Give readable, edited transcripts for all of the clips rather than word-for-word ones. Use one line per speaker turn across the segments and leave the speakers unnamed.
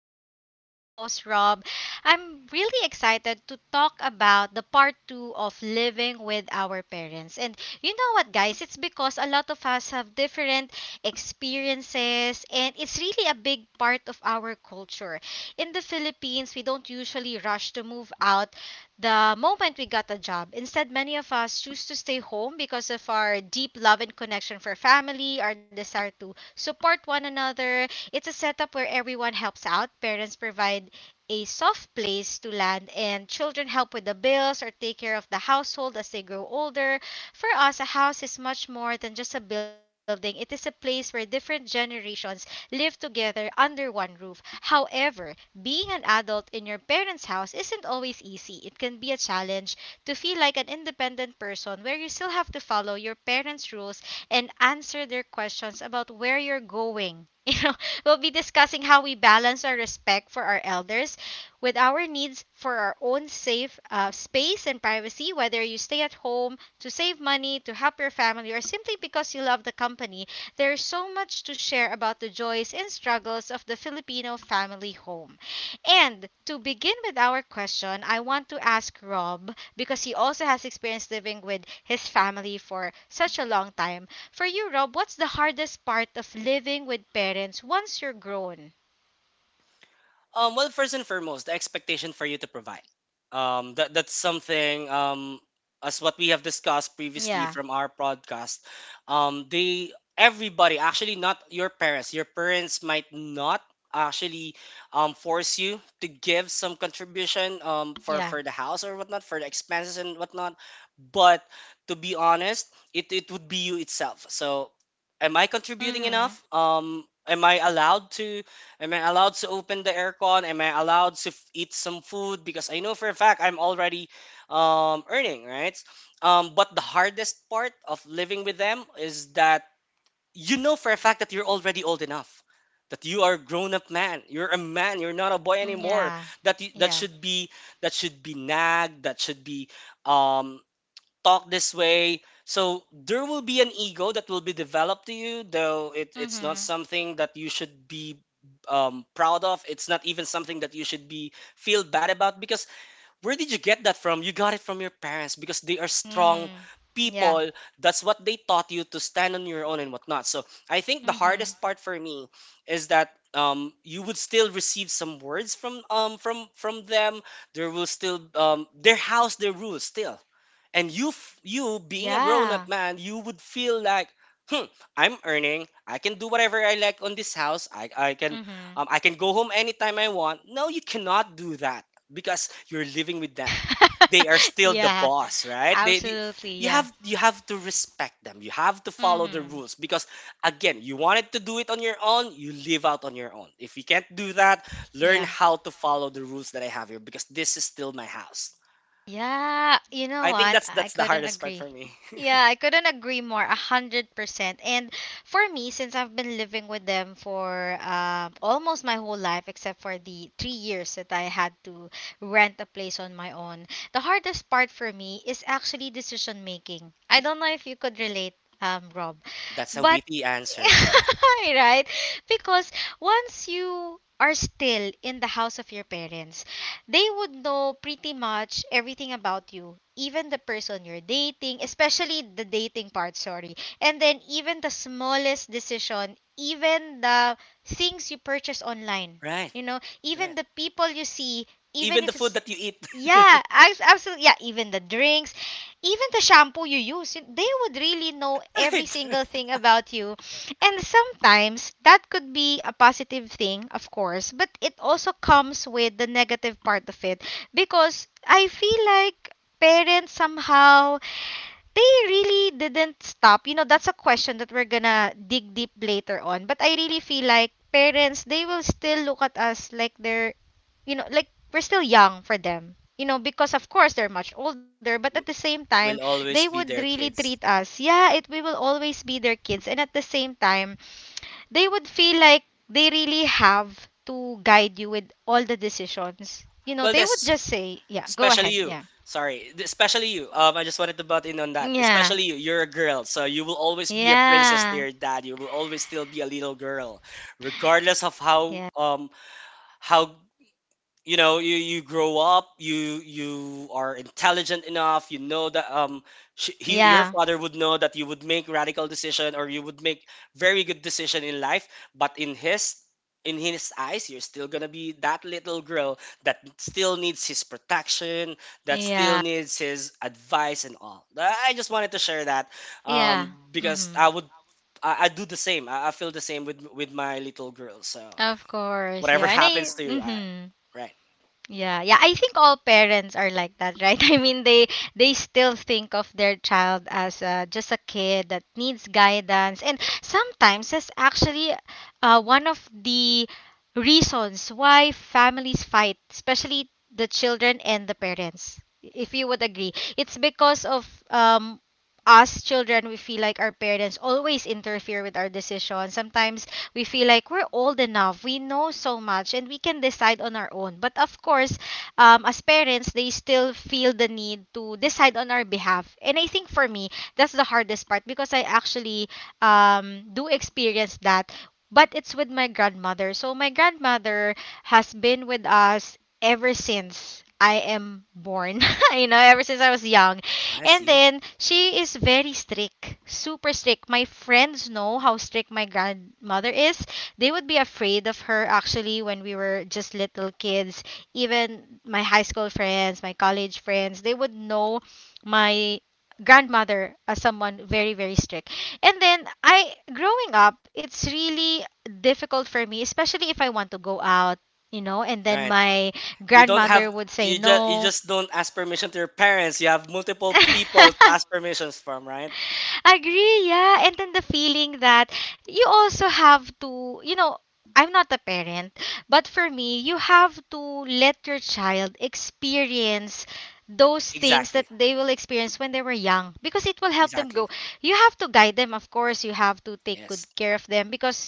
my amazing co host, Rob. I'm really excited to talk about the part two of living with our parents. And you know what, guys? It's because a lot of us have different experiences, and it's really a big part of our culture. In the Philippines, we don't usually rush to move out the moment we got a job. Instead, many of us choose to stay home because of our deep love and connection for family, our desire to support one another. It's a setup where everyone helps out. Parents provide a soft place to land, and children help with the bills or take care of the household as they grow older. For us, a house is much more than just a building, it is a place where different generations live together under one roof. However, being an adult in your parents' house isn't always easy. It can be a challenge to feel like an independent person where you still have to follow your parents' rules and answer their questions about where you're going. You know, we'll be discussing how we balance our respect for our elders with our needs for our own safe space and privacy, whether you stay at home to save money, to help your family, or simply because you love the company. There's so much to share about the joys and struggles of the Filipino family home. And to begin with our question, I want to ask Rob, because he also has experience living with his family for such a long time. For you, Rob, what's the hardest part of living with parents once you're grown?
Well, first and foremost, the expectation for you to provide. That's something. As what we have discussed previously
Yeah,
from our podcast, they everybody actually, not your parents. Your parents might not actually force you to give some contribution for
yeah.
for the house or whatnot, for the expenses and whatnot. But to be honest, it would be you itself. So, am I contributing
Mm-hmm.
enough? Am I allowed to? Am I allowed to open the aircon? Am I allowed to eat some food? Because I know for a fact I'm already earning, right? But the hardest part of living with them is that you know for a fact that you're already old enough, that you are a grown-up man. You're a man. You're not a boy anymore.
Yeah,
That you, that
yeah.
should be that should be nagged. That should be um, talk this way. So there will be an ego that will be developed to you, though it's not
Mm-hmm.
something that you should be proud of. It's not even something that you should be feel bad about, because where did you get that from? You got it from your parents, because they are strong
Mm. Yeah.
people. That's what they taught you, to stand on your own and whatnot. So I think the
Mm-hmm.
hardest part for me is that you would still receive some words from from them. There will still, their house, their rules still, and you, you being a grown-up
Yeah.
man, you would feel like, hmm, I'm earning, I can do whatever I like on this house. i, I can
Mm-hmm.
um, i can go home anytime I want. No, you cannot do that because you're living with them. They are still the
yeah,
boss, right?
absolutely.
You have
Yeah.
you have to respect them, you have to follow the
Mm-hmm.
rules. Because again, you wanted to do it on your own, you live out on your own. If you can't do that, learn
Yeah.
how to follow the rules that I have here, because this is still my house.
Yeah, you know
I think
what?
that's
I
that's the
couldn't
hardest part
agree.
for me.
Yeah, I couldn't agree more, 100%. And for me, since I've been living with them for almost my whole life, except for the 3 years that I had to rent a place on my own, the hardest part for me is actually decision making. I don't know if you could relate, Rob,
That's a
but
witty answer. That
right? Because once you are still in the house of your parents, they would know pretty much everything about you, even the person you're dating, especially the dating part, sorry. And then even the smallest decision, even the things you purchase online,
Right,
you know, even
right.
the people you see, even
Even the
if
food
it's
that you eat.
yeah, abs- absolutely. Yeah, even the drinks, even the shampoo you use, they would really know every
Right.
single thing about you. And sometimes that could be a positive thing, of course, but it also comes with the negative part of it because I feel like parents somehow they really didn't stop. You know, that's a question that we're gonna dig deep later on. But I really feel like parents, they will still look at us like they're, you know, like we're still young for them. You know, because of course they're much older, but at the
w-
same time,
will
they
always
would
be their
really treat
kids.
us. Yeah, it we will always be their kids, and at the same time, they would feel like they really have to guide you with all the decisions. You know,
Well,
they would
that's
just say, "Yeah, go
especially
ahead."
you.
Yeah,
Sorry, especially you. I just wanted to butt in on that.
yeah,
Especially you. You're a girl, so you will always be a princess to
yeah.
your dad. You will always still be a little girl, regardless of how you know, you grow up, you are intelligent enough, you know that, your
Yeah.
father would know that you would make radical decision, or you would make very good decision in life. But in his eyes, you're still gonna be that little girl that still needs his protection, that still
Yeah.
needs his advice and all. I just wanted to share that,
Yeah.
because
Mhm.
I do the same. I feel the same with my little girl. So
Of course.
whatever
Yeah. And I
happens to you,
mhm.
right.
Yeah. Yeah, I think all parents are like that, right? I mean, they still think of their child as just a kid that needs guidance. And sometimes that's actually one of the reasons why families fight, especially the children and the parents. If you would agree, it's because of us children we feel like our parents always interfere with our decisions. Sometimes we feel like we're old enough we know so much and we can decide on our own, but of course as parents they still feel the need to decide on our behalf. And I think for me that's the hardest part because I actually do experience that, but it's with my grandmother. So my grandmother has been with us ever since I am born. You know, ever since I was young.
I
And
see.
then she is very strict, super strict. My friends know how strict my grandmother is. They would be afraid of her actually when we were just little kids. Even my high school friends, my college friends, they would know my grandmother as someone very very strict. And then I growing up, it's really difficult for me, especially if I want to go out, you know, and then
Right.
my
You don't have
grandmother would say
you just you
no.
just don't ask permission to your parents. You have multiple people to ask permissions from, right?
Agree, yeah. And then the feeling that you also have to, you know, I'm not a parent, but for me, you have to let your child experience those things that
Exactly.
they will experience when they were young because it will help them grow.
Exactly.
You have to guide them, of course. You have to take
Yes.
good care of them because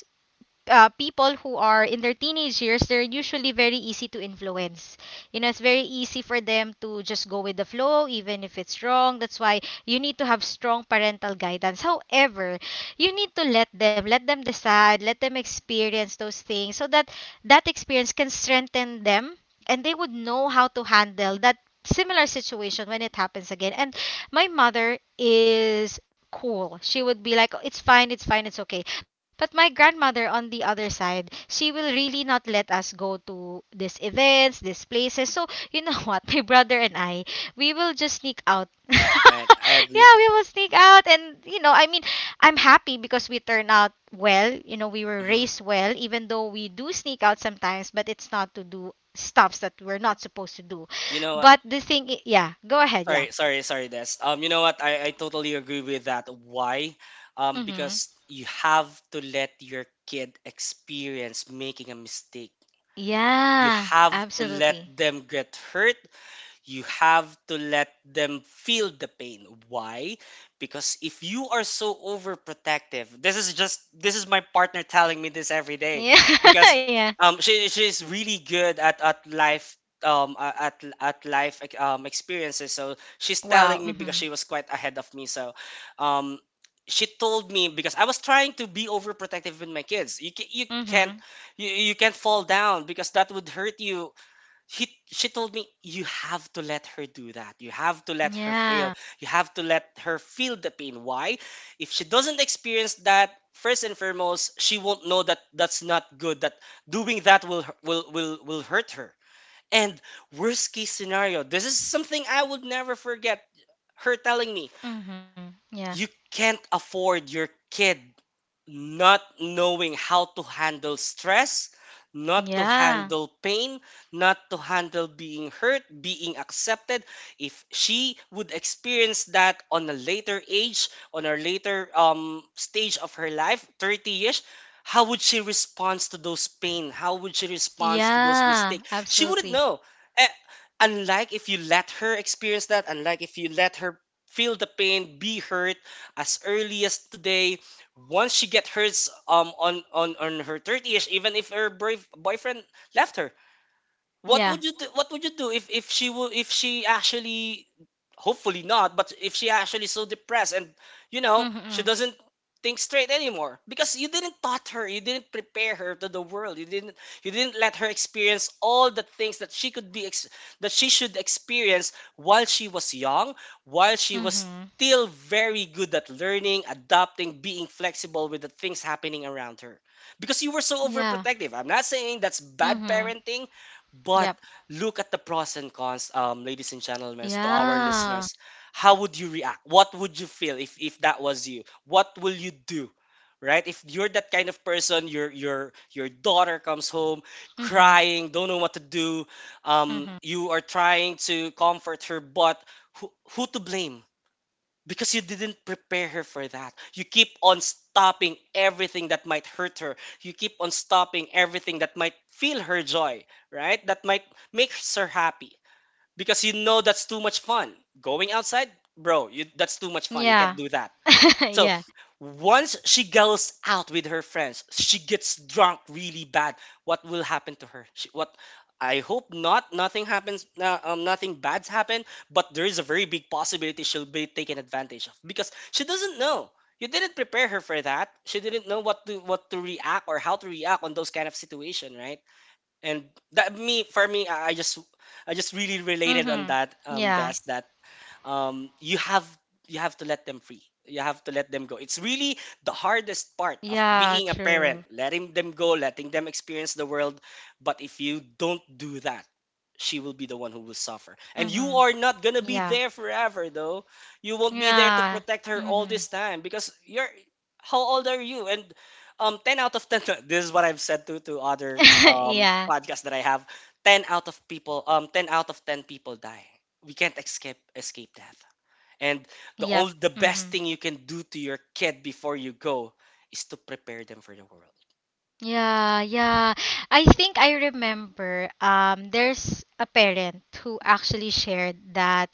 people who are in their teenage years, they're usually very easy to influence. You know, it's very easy for them to just go with the flow, even if it's wrong. That's why you need to have strong parental guidance. However, you need to let them decide, let them experience those things so that that experience can strengthen them and they would know how to handle that similar situation when it happens again. And my mother is cool. She would be like, "Oh, it's fine, it's fine, it's okay," but my grandmother on the other side, she will really not let us go to these events, these places. So, you know what? My brother and I, we will just sneak out.
Right. I agree.
Yeah, we will sneak out. And, you know, I mean, I'm happy because we turn out well. You know, we were
hmm
raised well, even though we do sneak out sometimes, but it's not to do stuffs that we're not supposed to do.
You know what?
But the thing, I- Yeah, go ahead. Yeah.
Sorry, sorry, sorry, Des. You know what? I totally agree with that. Why?
Mm-hmm.
Because you have to let your kid experience making a mistake. You
Yeah,
have to let
absolutely.
them get hurt. You have to let them feel the pain. Why? Because if you are so overprotective... this is my partner telling me this every day,
Yeah.
because
yeah.
she's really good at life, a- at life, like, experiences. So she's
Wow.
telling me, because
Mm-hmm.
she was quite ahead of me. So um she told me, because I was trying to be overprotective with my kids. You ca- you can't
Mhm.
you, you can't fall down because that would hurt you. She told me you have to let her do that. You have to let her
Yeah.
fail. You have to let her feel the pain. Why? If she doesn't experience that, first and foremost, she won't know that that's not good. That doing that will hu- will hurt her. And worst case scenario, this is something I would never forget. Her telling me,
Mhm. Yeah.
you can't afford your kid not knowing how to handle stress, not to
Yeah.
handle pain, not to handle being hurt, being accepted. If she would experience that on a later age, on a later stage of her life, 30-ish, how would she respond to those pain? How would she respond to those
Yeah.
mistakes? She wouldn't
Absolutely.
know. Eh, unlike if you let her experience that, unlike if you let her feel the pain, be hurt as early as today, once she get hers on her thirties, even if her brave boyfriend left her, what
Yeah.
would you do? What would you do if she actually, hopefully not, but if she actually so depressed, and you know she
Mhm.
doesn't think straight anymore, because you didn't taught her, you didn't prepare her to the world, you didn't let her experience all the things that she could be that she should experience while she was young, while she was
Mhm.
still very good at learning, adapting, being flexible with the things happening around her, because you were so
Yeah.
overprotective. I'm not saying that's bad
Mhm.
parenting. But
Yep.
look at the pros and cons, ladies and gentlemen, to our
Yeah.
listeners. How would you react? What would you feel if that was you? What will you do? Right? If you're that kind of person, your daughter comes home
Mhm.
crying, don't know what to do.
Mhm.
You are trying to comfort her, but who, who to blame? Because you didn't prepare her for that. You keep on stopping everything that might hurt her. You keep on stopping everything that might feel her joy, right? That might make her happy. Because you know that's too much fun. Going outside, bro, that's too much fun. You can't
Yeah.
do that. So
yeah.
once she goes out with her friends, she gets drunk really bad. What will happen to her? What? I hope not. Nothing happens. No, nothing bad's happened. But there is a very big possibility she'll be taken advantage of, because she doesn't know. You didn't prepare her for that. She didn't know what to react or how to react on those kind of situation, right? And that me for me, I just really related on
Mhm.
that,
Yeah.
desk um, you have you have to let them free. You have to let them go. It's really the hardest part of
Yeah.
being a parent,
True.
letting them go, letting them experience the world. But if you don't do that, she will be the one who will suffer. And
Mhm.
you are not gonna be
Yeah.
there forever, though. You won't be there to
Yeah.
protect her all
Mhm.
this time, because you're... How old are you? And ten out of ten. This is what I've said to other
yeah.
podcasts that I have. Ten out of people. Ten out of ten people die, we can't escape death. And
Yep.
the best
Mhm.
thing you can do to your kid before you go is to prepare them for the world.
Yeah, yeah. I think I remember there's a parent who actually shared that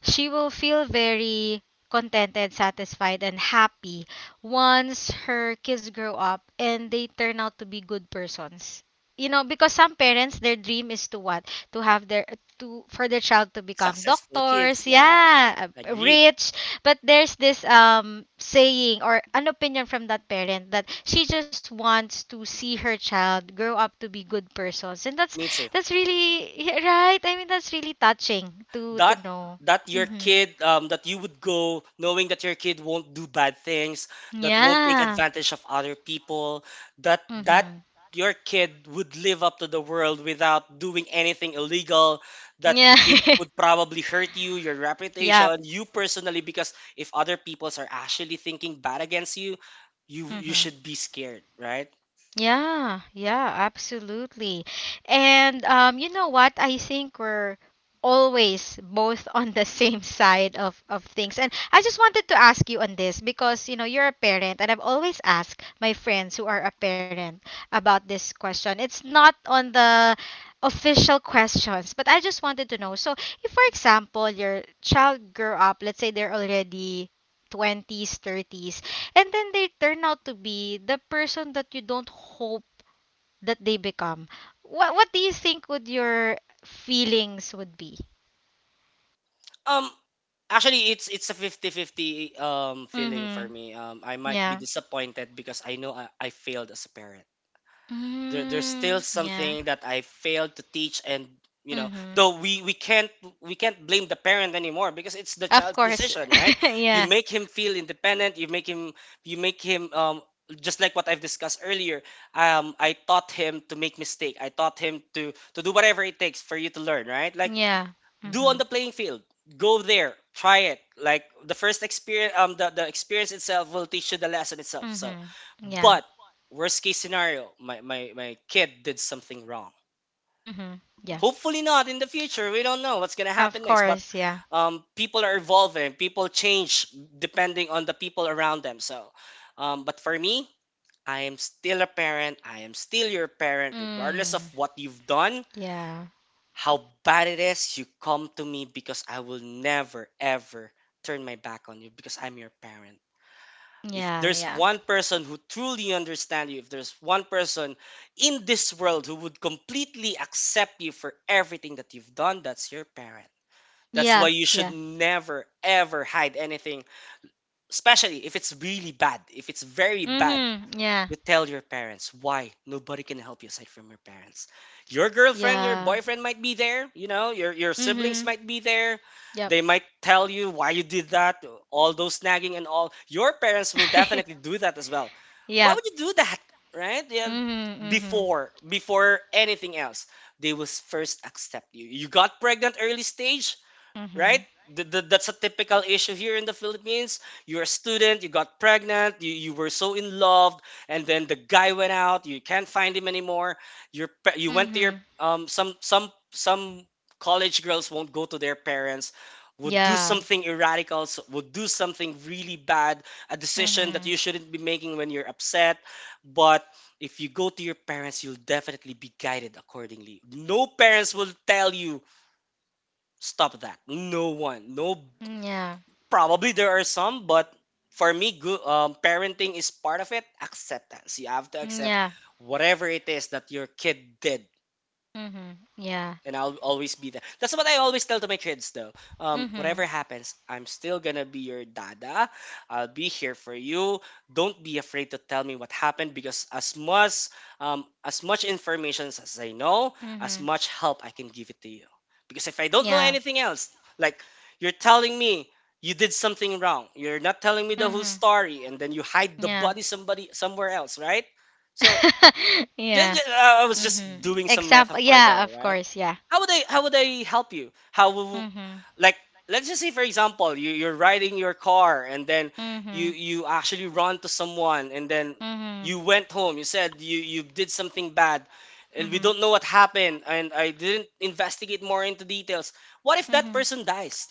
she will feel very contented, satisfied, and happy once her kids grow up and they turn out to be good persons. You know, because some parents, their dream is to what? To have their, to, for their child to become
Successful kids,
doctors,
yes,
yeah,
agreed.
rich. But there's this saying or an opinion from that parent that she just wants to see her child grow up to be good persons. And
Me too.
that's really, right? I mean, that's really touching to
that
know.
that your
Mhm.
kid, that you would go knowing that your kid won't do bad things, that won't take
Yeah.
advantage of other people, that
Mhm.
your kid would live up to the world without doing anything illegal, that
Yeah.
would probably hurt you, your
yeah.
reputation, you personally, because if other peoples are actually thinking bad against you, you
Mhm.
should be scared, right?
Yeah, yeah, absolutely. And you know what? I think we're always both on the same side of things. And I just wanted to ask you on this because, you know, you're a parent, and I've always asked my friends who are a parent about this question. It's not on the official questions, but I just wanted to know. So, if, for example, your child grew up, let's say they're already 20s, 30s, and then they turn out to be the person that you don't hope that they become. What do you think would your feelings would be?
um Actually, it's a fifty-fifty feeling for
Mhm.
me. I might be
Yeah.
disappointed, because I know I failed as a parent. There's still
Mm, yeah.
something that I failed to teach, and you know,
Mhm.
though we can't blame the parent anymore, because it's the
Of
child's
course.
decision, right? You
yeah.
make him feel independent. You make him, just like what I've discussed earlier. I taught him to make mistake. I taught him to do whatever it takes for you to learn, right? Like
Yeah.
do on
Mhm.
the playing field, go there, try it. Like the first experience, the experience itself will teach you the lesson itself, so
Mhm. Yeah.
but worst case scenario, my kid did something wrong,
Mhm. Yeah.
hopefully not in the future. We don't know what's gonna happen
Of
next, but
course, yeah.
people are evolving, people change depending on the people around them. So but for me, I am still a parent, I am still your parent regardless of
Mm.
what you've done.
Yeah.
How bad it is, you come to me because I will never, ever turn my back on you because I'm your parent. If
Yeah,
there's
yeah.
one person who truly understands you, if there's one person in this world who would completely accept you for everything that you've done, that's your parent. That's
Yeah,
why you should
yeah.
never, ever hide anything, especially if it's really bad, if it's very bad.
Mhm. Yeah.
You tell your parents. Why? Nobody can help you aside from your parents. Your girlfriend, your
Yeah.
boyfriend might be there, your siblings
Mhm.
might be there.
Yep.
They might tell you why you did that, all those nagging and all. Your parents will definitely do that as well. Why
yep.
would you do that? Right? Yeah,
Mhm. Mhm.
before anything else, they will first accept you. You got pregnant early stage, right?
Mhm.
That's a typical issue here in the Philippines. You're a student, you got pregnant, you were so in love, and then the guy went out. You can't find him anymore. You went to your
Mhm.
some college girls won't go to their parents. Would do
Yeah.
something irradical, would do something really bad, a decision that you
Mhm.
shouldn't be making when you're upset. But if you go to your parents, you'll definitely be guided accordingly. No parents will tell you stop that. No one. No,
Mm, yeah.
probably there are some, but for me, good parenting is part of it. Acceptance. You have to
Mm,
accept
yeah.
whatever it is that your kid did,
Mhm. Yeah.
and I'll always be there. That's what I always tell to my kids though.
Mhm.
Whatever happens, I'm still gonna be your dada. I'll be here for you. Don't be afraid to tell me what happened because as much information as I know, as
Mhm.
much help I can give it to you. Because if I don't know
Yeah.
anything else, like you're telling me you did something wrong. You're not telling me the whole
Mhm.
story, and then you hide the
Yeah.
body somebody somewhere else, right? So yeah,
Yeah.
yeah, I was just
Mhm.
doing some
Example.
metaphor
Yeah.
though,
Of
right?
course. Yeah.
How would I help you? How will,
Mhm.
like, let's just say for example, you, you're riding your car, and then
Mhm.
you actually run to someone, and then
Mhm.
you went home. You said you did something bad, and we
Mhm.
don't know what happened, and I didn't investigate more into details. What if that
Mhm.
person dies?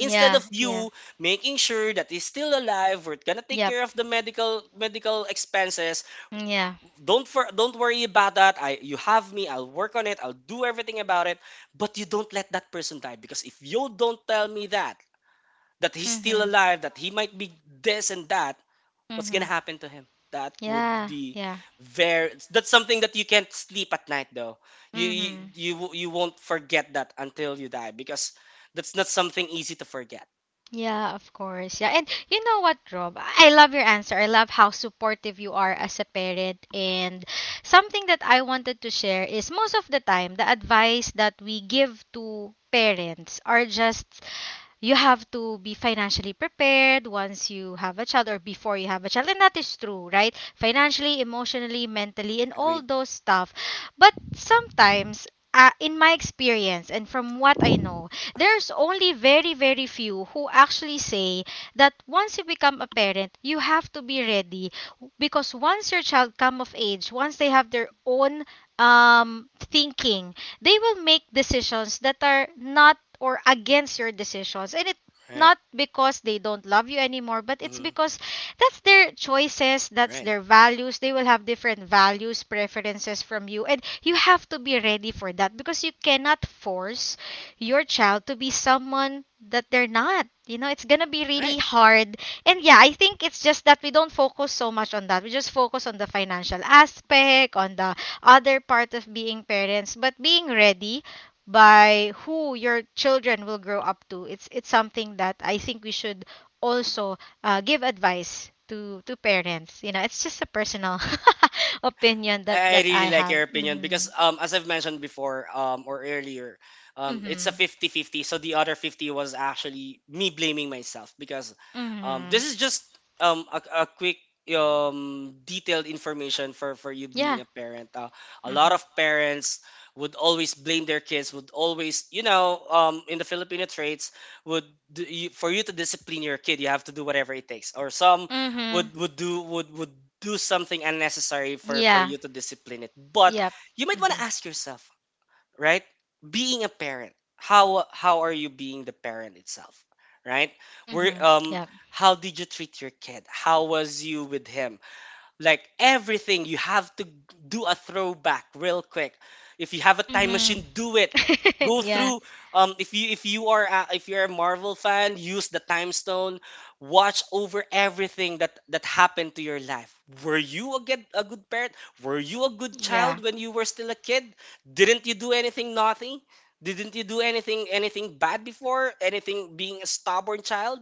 Instead of
Yeah.
you making sure that he's still alive, we're gonna take
Yep.
care of the medical expenses.
Mm, yeah.
Don't worry about that. I You have me. I'll work on it. I'll do everything about it. But you don't let that person die, because if you don't tell me that he's still
Mhm.
alive, that he might be this and that, what's gonna
Mhm.
happen to him? That would
Yeah.
be
Yeah.
very. That's something that you can't sleep at night though.
Mhm.
You won't forget that until you die because that's not something easy to forget.
Yeah, of course. Yeah. And you know what, Rob? I love your answer. I love how supportive you are as a parent. And something that I wanted to share is most of the time, the advice that we give to parents are just you have to be financially prepared once you have a child or before you have a child, and that is true, right? Financially, emotionally, mentally, and all
Agreed.
those stuff. But sometimes, in my experience and from what I know, there's only very few who actually say that once you become a parent you have to be ready, because once your child come of age, once they have their own thinking, they will make decisions that are not or against your decisions. And it,
Right.
not because they don't love you anymore, but it's
Mm-hmm.
because that's their choices, that's
Right.
their values. They will have different values, preferences from you, and you have to be ready for that, because you cannot force your child to be someone that they're not, you know, it's gonna be really
Right.
hard. And yeah, I think it's just that we don't focus so much on that. We just focus on the financial aspect, on the other part of being parents, but being ready by who your children will grow up to. It's something that I think we should also give advice to parents. You know, it's just a personal opinion that
I
that
really
I
like
have.
your opinion
Hmm.
because as I've mentioned before or earlier, it's a
Hmm.
50-50. So the other 50 was actually me blaming myself because
Hmm.
this is just a quick detailed information for you
Yeah.
being a parent. A
Hmm.
lot of parents would always blame their kids, would always in the Filipino traits would for you to discipline your kid, you have to do whatever it takes, or some
Hmm.
would do would do something unnecessary for
Yeah.
you to discipline it. But
Yep.
you might want
Hmm.
to ask yourself, right? Being a parent, how are you being the parent itself, right? Where
Hmm. Yep.
how did you treat your kid? How was you with him? Like everything. You have to do a throwback real quick. If you have a time
Hmm.
machine, do it. Go
Yeah.
through, if you, if you're a Marvel fan, use the time stone, watch over everything that happened to your life. Were you a a good parent? Were you a good
Yeah.
child when you were still a kid? Didn't you do anything naughty? Didn't you do anything bad before? Anything? Being a stubborn child,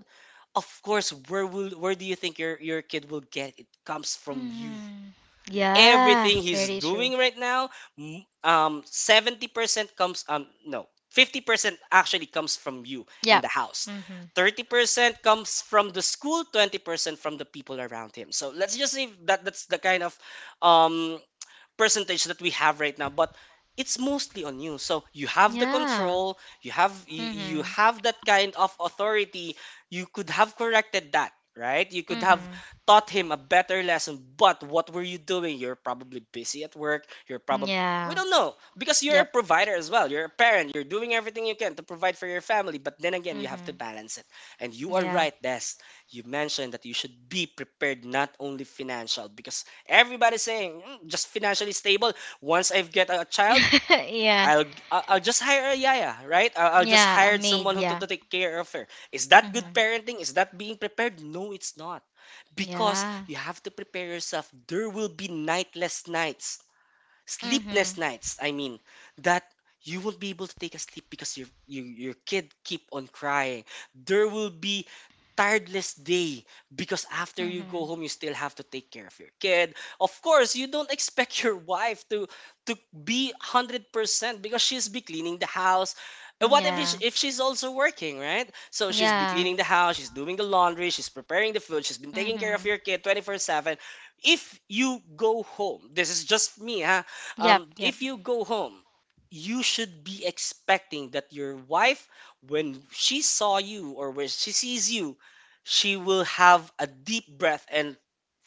of course. Where do you think your kid will get it? Comes from you?
Hmm. Yeah.
Everything he's
Very true.
doing right now, 70% comes no, 50% actually comes from you and
Yep.
the house.
Hmm.
30% comes from the school, 20% from the people around him. So let's just say that that's the kind of um percentage that we have right now. But it's mostly on you, so you have the
Yeah.
control, you have you
Mhm.
have that kind of authority. You could have corrected that, right? You could have
Mhm.
taught him a better lesson. But what were you doing? You're probably busy at work, you're probably, we
Yeah.
don't know, because you're a
Yep.
provider as well. You're a parent, you're doing everything you can to provide for your family, but then again, you have to
Mhm.
balance it. And you are
Yeah.
right, Des. You mentioned that you should be prepared, not only financial, because everybody's saying, "Mm, just financially stable. Once I get a child,
Yeah.
I'll just hire a yaya, right? I'll just
Yeah. A
hire
maid.
someone who to
Yeah.
take care of her." Is that good
Mhm.
parenting? Is that being prepared? No, it's not. Because
Yeah.
you have to prepare yourself. There will be nightless nights,
Mhm.
sleepless nights I mean, that you won't be able to take a sleep because your kid keep on crying. There will be tireless day, because after you go
Mhm.
home, you still have to take care of your kid. Of course, you don't expect your wife to be 100%, because she's be cleaning the house. And what if,
Yeah.
if she's also working, right? So she's be
Yeah.
cleaning the house, she's doing the laundry, she's preparing the food, she's been taking care of
Mhm.
your kid 24/7. If you go home, this is just me, huh?
Yep.
Um,
Yep.
if you go home, you should be expecting that your wife, when she saw you, or when she sees you, she will have a deep breath and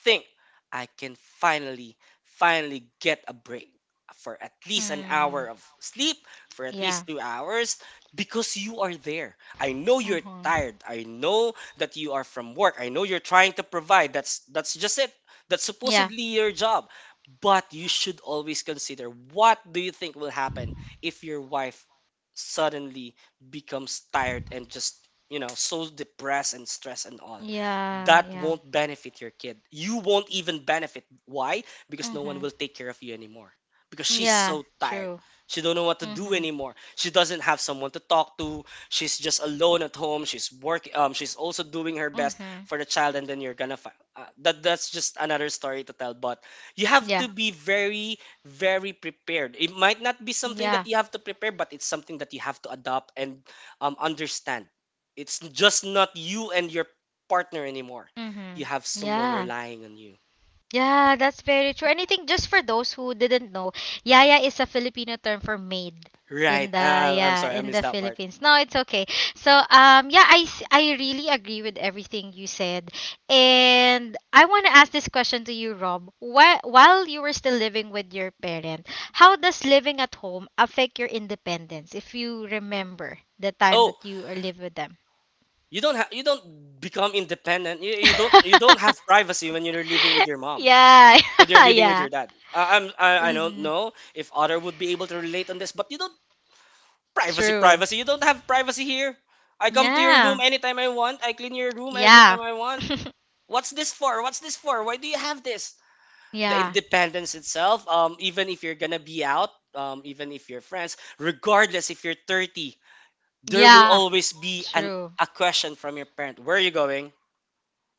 think, I can finally, finally get a break, for at least an
Mm.
hour of sleep, for at
Yeah.
least 2 hours, because you are there. I know you're
Mhm.
tired. I know that you are from work. I know you're trying to provide. That's just it. That's
Yeah.
supposedly your job. But you should always consider, what do you think will happen if your wife suddenly becomes tired and just, you know, so depressed and stressed and all.
Yeah.
That
Yeah.
won't benefit your kid. You won't even benefit. Why? Because no one
Mhm.
will take care of you anymore. Because she's
Yeah.
so tired.
True.
She don't know what to do
Mhm.
anymore. She doesn't have someone to talk to. She's just alone at home. She's working. She's also doing her best
Mhm.
for the child, and then you're gonna. That's just another story to tell. But you have
Yeah.
to be very prepared. It might not be something that
Yeah.
you have to prepare, but it's something that you have to adopt and understand. It's just not you and your partner anymore. You
Mhm.
have someone
Yeah.
relying on you,
Yeah, that's very true. And I think, just for those who didn't know, yaya is a Filipino term for maid
right?
in the,
I'm
yeah,
sorry, I
in
missed
the
that part.
Philippines. No, it's okay. So yeah, I really agree with everything you said, and I want to ask this question to you, Rob. While you were still living with your parent, how does living at home affect your independence? If you remember the time
Oh,
that you are live with them.
you don't have, you don't become independent. You don't, you don't have privacy when you're living with your mom,
Yeah,
when you're living with
yeah.
your dad. I
Mhm.
don't know if other would be able to relate on this, but you don't. Privacy,
True.
privacy. You don't have privacy here. I come to your room
Yeah.
anytime I want. I clean your room every
Yeah.
time I want. What's this for? What's this for? Why do you have this? The
Yeah.
independence itself, even if you're gonna be out, even if you're friends, regardless if you're 30, there will
Yeah,
always be
true.
an, a question from your parent. Where are you going?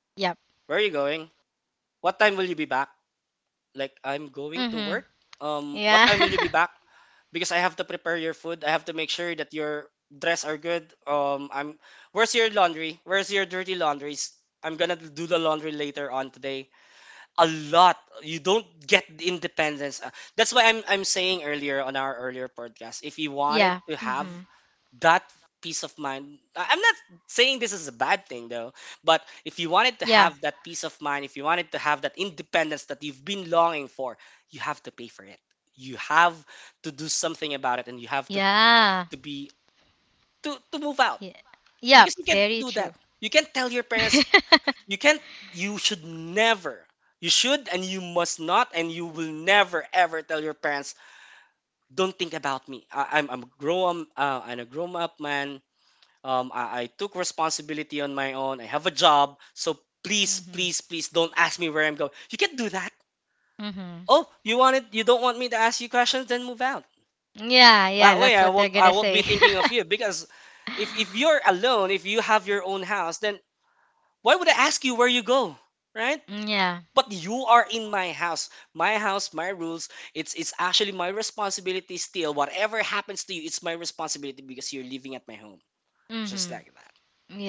Yep.
Where are you going? What time will you be back? Like I'm going to
Mm-hmm.
work.
Yeah.
What time will you be back? Because I have to prepare your food. I have to make sure that your dress are good. I'm. Where's your laundry? Where's your dirty laundries? I'm gonna do the laundry later on today. A lot. You don't get the independence. That's why I'm saying earlier on our earlier podcast. If you wanted
yeah.
to have
Mm-hmm.
that peace of mind, I'm not saying this is a bad thing, though, but if you wanted to
Yeah.
have that peace of mind, if you wanted to have that independence that you've been longing for, you have to pay for it. You have to do something about it, and you have
Yeah.
to be to move out,
Yeah. Yep.
because you can't
Very
do that.
true.
You can't tell your parents. You can't, you should never, you should and you must not, and you will never ever tell your parents, "Don't think about me. I'm grown. I'm a grown up man. I took responsibility on my own. I have a job. So please,
Mm-hmm.
please, please don't ask me where I'm going. You can't do that."
Mm-hmm.
Oh, you want it? You don't want me to ask you questions? Then move out.
Yeah. Yeah.
That way,
That's
I
what they're
won't. I
gonna
won't
say.
be thinking of you, because if you're alone, if you have your own house, then why would I ask you where you go, right?
yeah.
But you are in my house. My house, my rules. It's actually my responsibility still. Whatever happens to you, it's my responsibility because you're living at my home, just like
Mm-hmm.
that.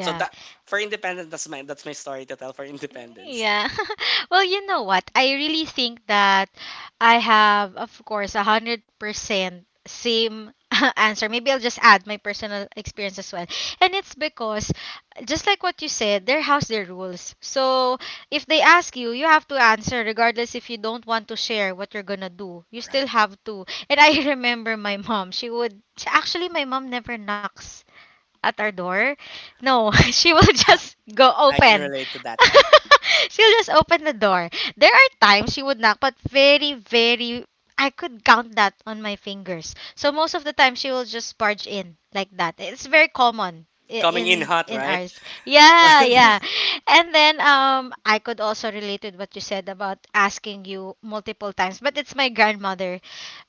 So that for independence, that's my story to tell for independence.
Yeah. Well, you know what? I really think that I have, of course, 100% same answer. Maybe I'll just add my personal experience as well. And it's because, just like what you said, their house, their rules. So if they ask you, you have to answer, regardless if you don't want to share what you're gonna do. You still
Right.
have to. And I remember my mom. She would. She, actually, my mom never knocks at our door. No, she will
Ah,
just go
I can
open.
relate to that.
She'll just open the door. There are times she would knock, but very, very, I could count that on my fingers. So most of the time, she will just barge in like that. It's very common i-
Coming in
in
hot,
in
right?
ours. Yeah, yeah. And then I could also relate with what you said about asking you multiple times, but it's my grandmother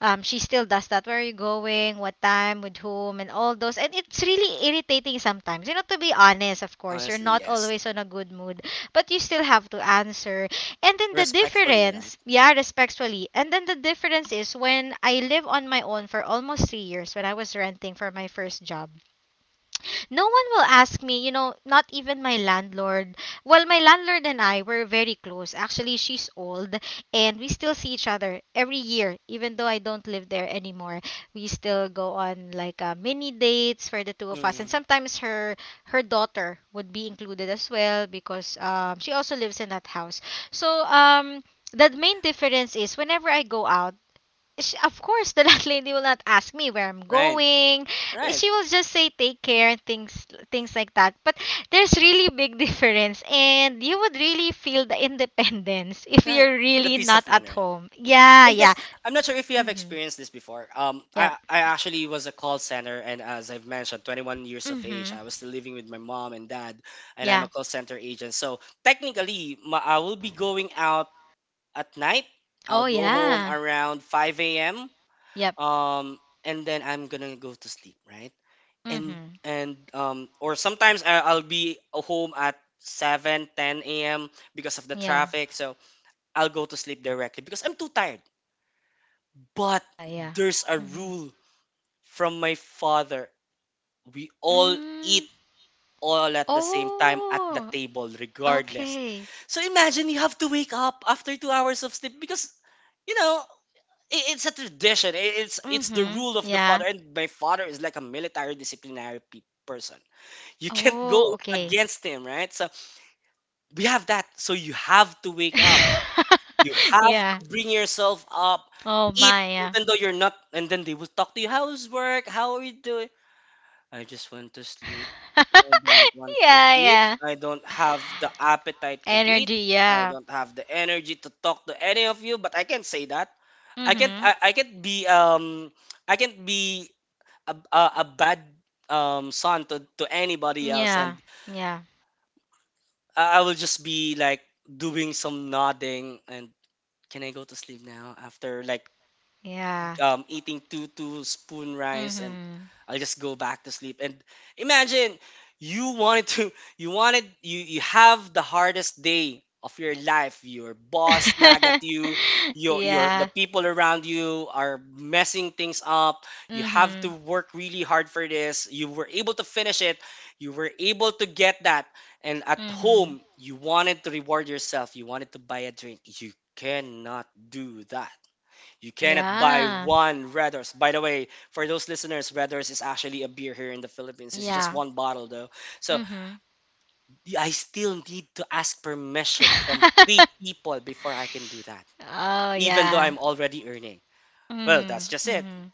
she still does that. Where are you going? What time? With whom? And all those. And it's really irritating sometimes. You know, to be honest, of course, you're
Honestly,
not
yes.
always on a good mood, but you still have to answer. And then the
Respectfully, right?
difference, yeah, respectfully. And then the difference is when I live on my own for almost 3 years when I was renting for my first job. No one will ask me, you know, not even my landlord. Well, my landlord and I were very close. Actually, she's old, and we still see each other every year, even though I don't live there anymore. We still go on like mini dates for the two of us. And
Mm,
sometimes her her daughter would be included as well because she also lives in that house. So, the main difference is, whenever I go out, she, of course, the landlady will not ask me where I'm
right,
going.
right,
She will just say take care, things like that. But there's really big difference, and you would really feel the independence if
right.
you're
The
really
peace
not
of mind,
at
right?
home. Yeah,
And this,
yeah.
I'm not sure if you have
Mm-hmm.
experienced this before. Um,
Yep.
I I actually was a call center, and as I've mentioned, 21 years of age,
Mm-hmm.
I was still living with my mom and dad, and I'm
Yeah.
a call center agent. So technically, I will be going out at night. I'll
Oh
go home
yeah.
around 5 a.m.
Yep.
um and then I'm gonna go to sleep, right? and
Mm-hmm.
and um or sometimes I'll be home at 7, 10 a.m because of the
Yeah.
traffic, so I'll go to sleep directly because I'm too tired. But
Ah yeah.
there's a
Mm-hmm.
rule from my father: we all eat
Mm.
all at the same time at the
Oh.
table, regardless.
Okay.
So imagine you have to wake up after 2 hours of sleep because, you know, it's a tradition. It's the
Mm-hmm.
rule of the
Yeah.
father, and my father is like a military disciplinary person. You can't go
Oh. Okay.
against him, right? So we have that. So you have to wake up. You have to
yeah.
bring yourself up.
Oh
Eat,
my, yeah.
even though you're not. And then they will talk to you. How's work? How are you doing? I just want to sleep. I don't want to
Yeah,
eat.
yeah.
I don't have the appetite to eat.
Energy,
I
yeah.
don't have the energy to talk to any of you. But I can say that I can't
Mm-hmm.
I, I can't be I can't be a bad son to anybody else,
Yeah.
and
Yeah.
I will just be like doing some nodding, and can I go to sleep now after like
Yeah.
eating two spoon rice, and
Mm-hmm.
I'll just go back to sleep. And imagine you wanted to you wanted you you have the hardest day of your life. Your boss nag at you, your the
Yeah.
people around you are messing things up. You have to
Mm-hmm.
work really hard for this. You were able to finish it. You were able to get that. And at
Mm-hmm.
home, you wanted to reward yourself. You wanted to buy a drink. You cannot do that. You cannot buy
Yeah.
one Red Horse. By the way, for those listeners, Red Horse is actually a beer here in the Philippines. It's just
Yeah.
one bottle though. So
Mm-hmm.
I still need to ask permission from three people before I can do that,
Oh
even
yeah.
though I'm already earning. Well,
Mm-hmm.
that's just it,
Mm-hmm.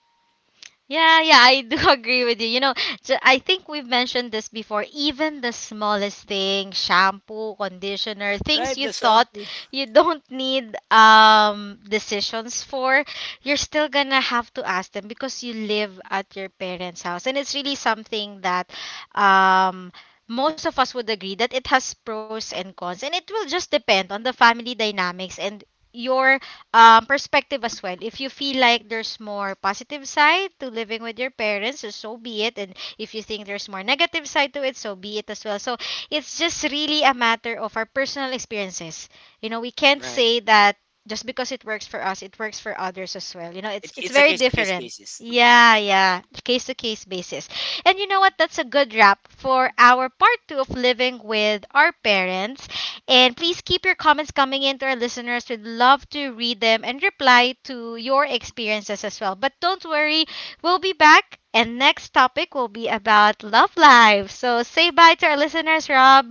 Yeah, yeah, I do agree with you. You know, I think we've mentioned this before. Even the smallest thing, shampoo, conditioner, things
right?
you
The
thought
shampoo,
you don't need decisions for, you're still gonna have to ask them because you live at your parents' house. And it's really something that um most of us would agree that it has pros and cons, and it will just depend on the family dynamics and your perspective as well. If you feel like there's more positive side to living with your parents, so so be it. And if you think there's more negative side to it, so be it as well. So it's just really a matter of our personal experiences. You know, we can't
right?
say that just because it works for us, it works for others as well. You know,
It,
it's
it's a
very
case to case
different.
basis. Yes.
Yeah, yeah, case to case basis. And you know what? That's a good wrap for our part two of living with our parents. And please keep your comments coming in to our listeners. We'd love to read them and reply to your experiences as well. But don't worry, we'll be back. And next topic will be about love life. So say bye to our listeners, Rob.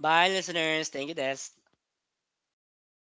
Bye, listeners. Thank you, Des.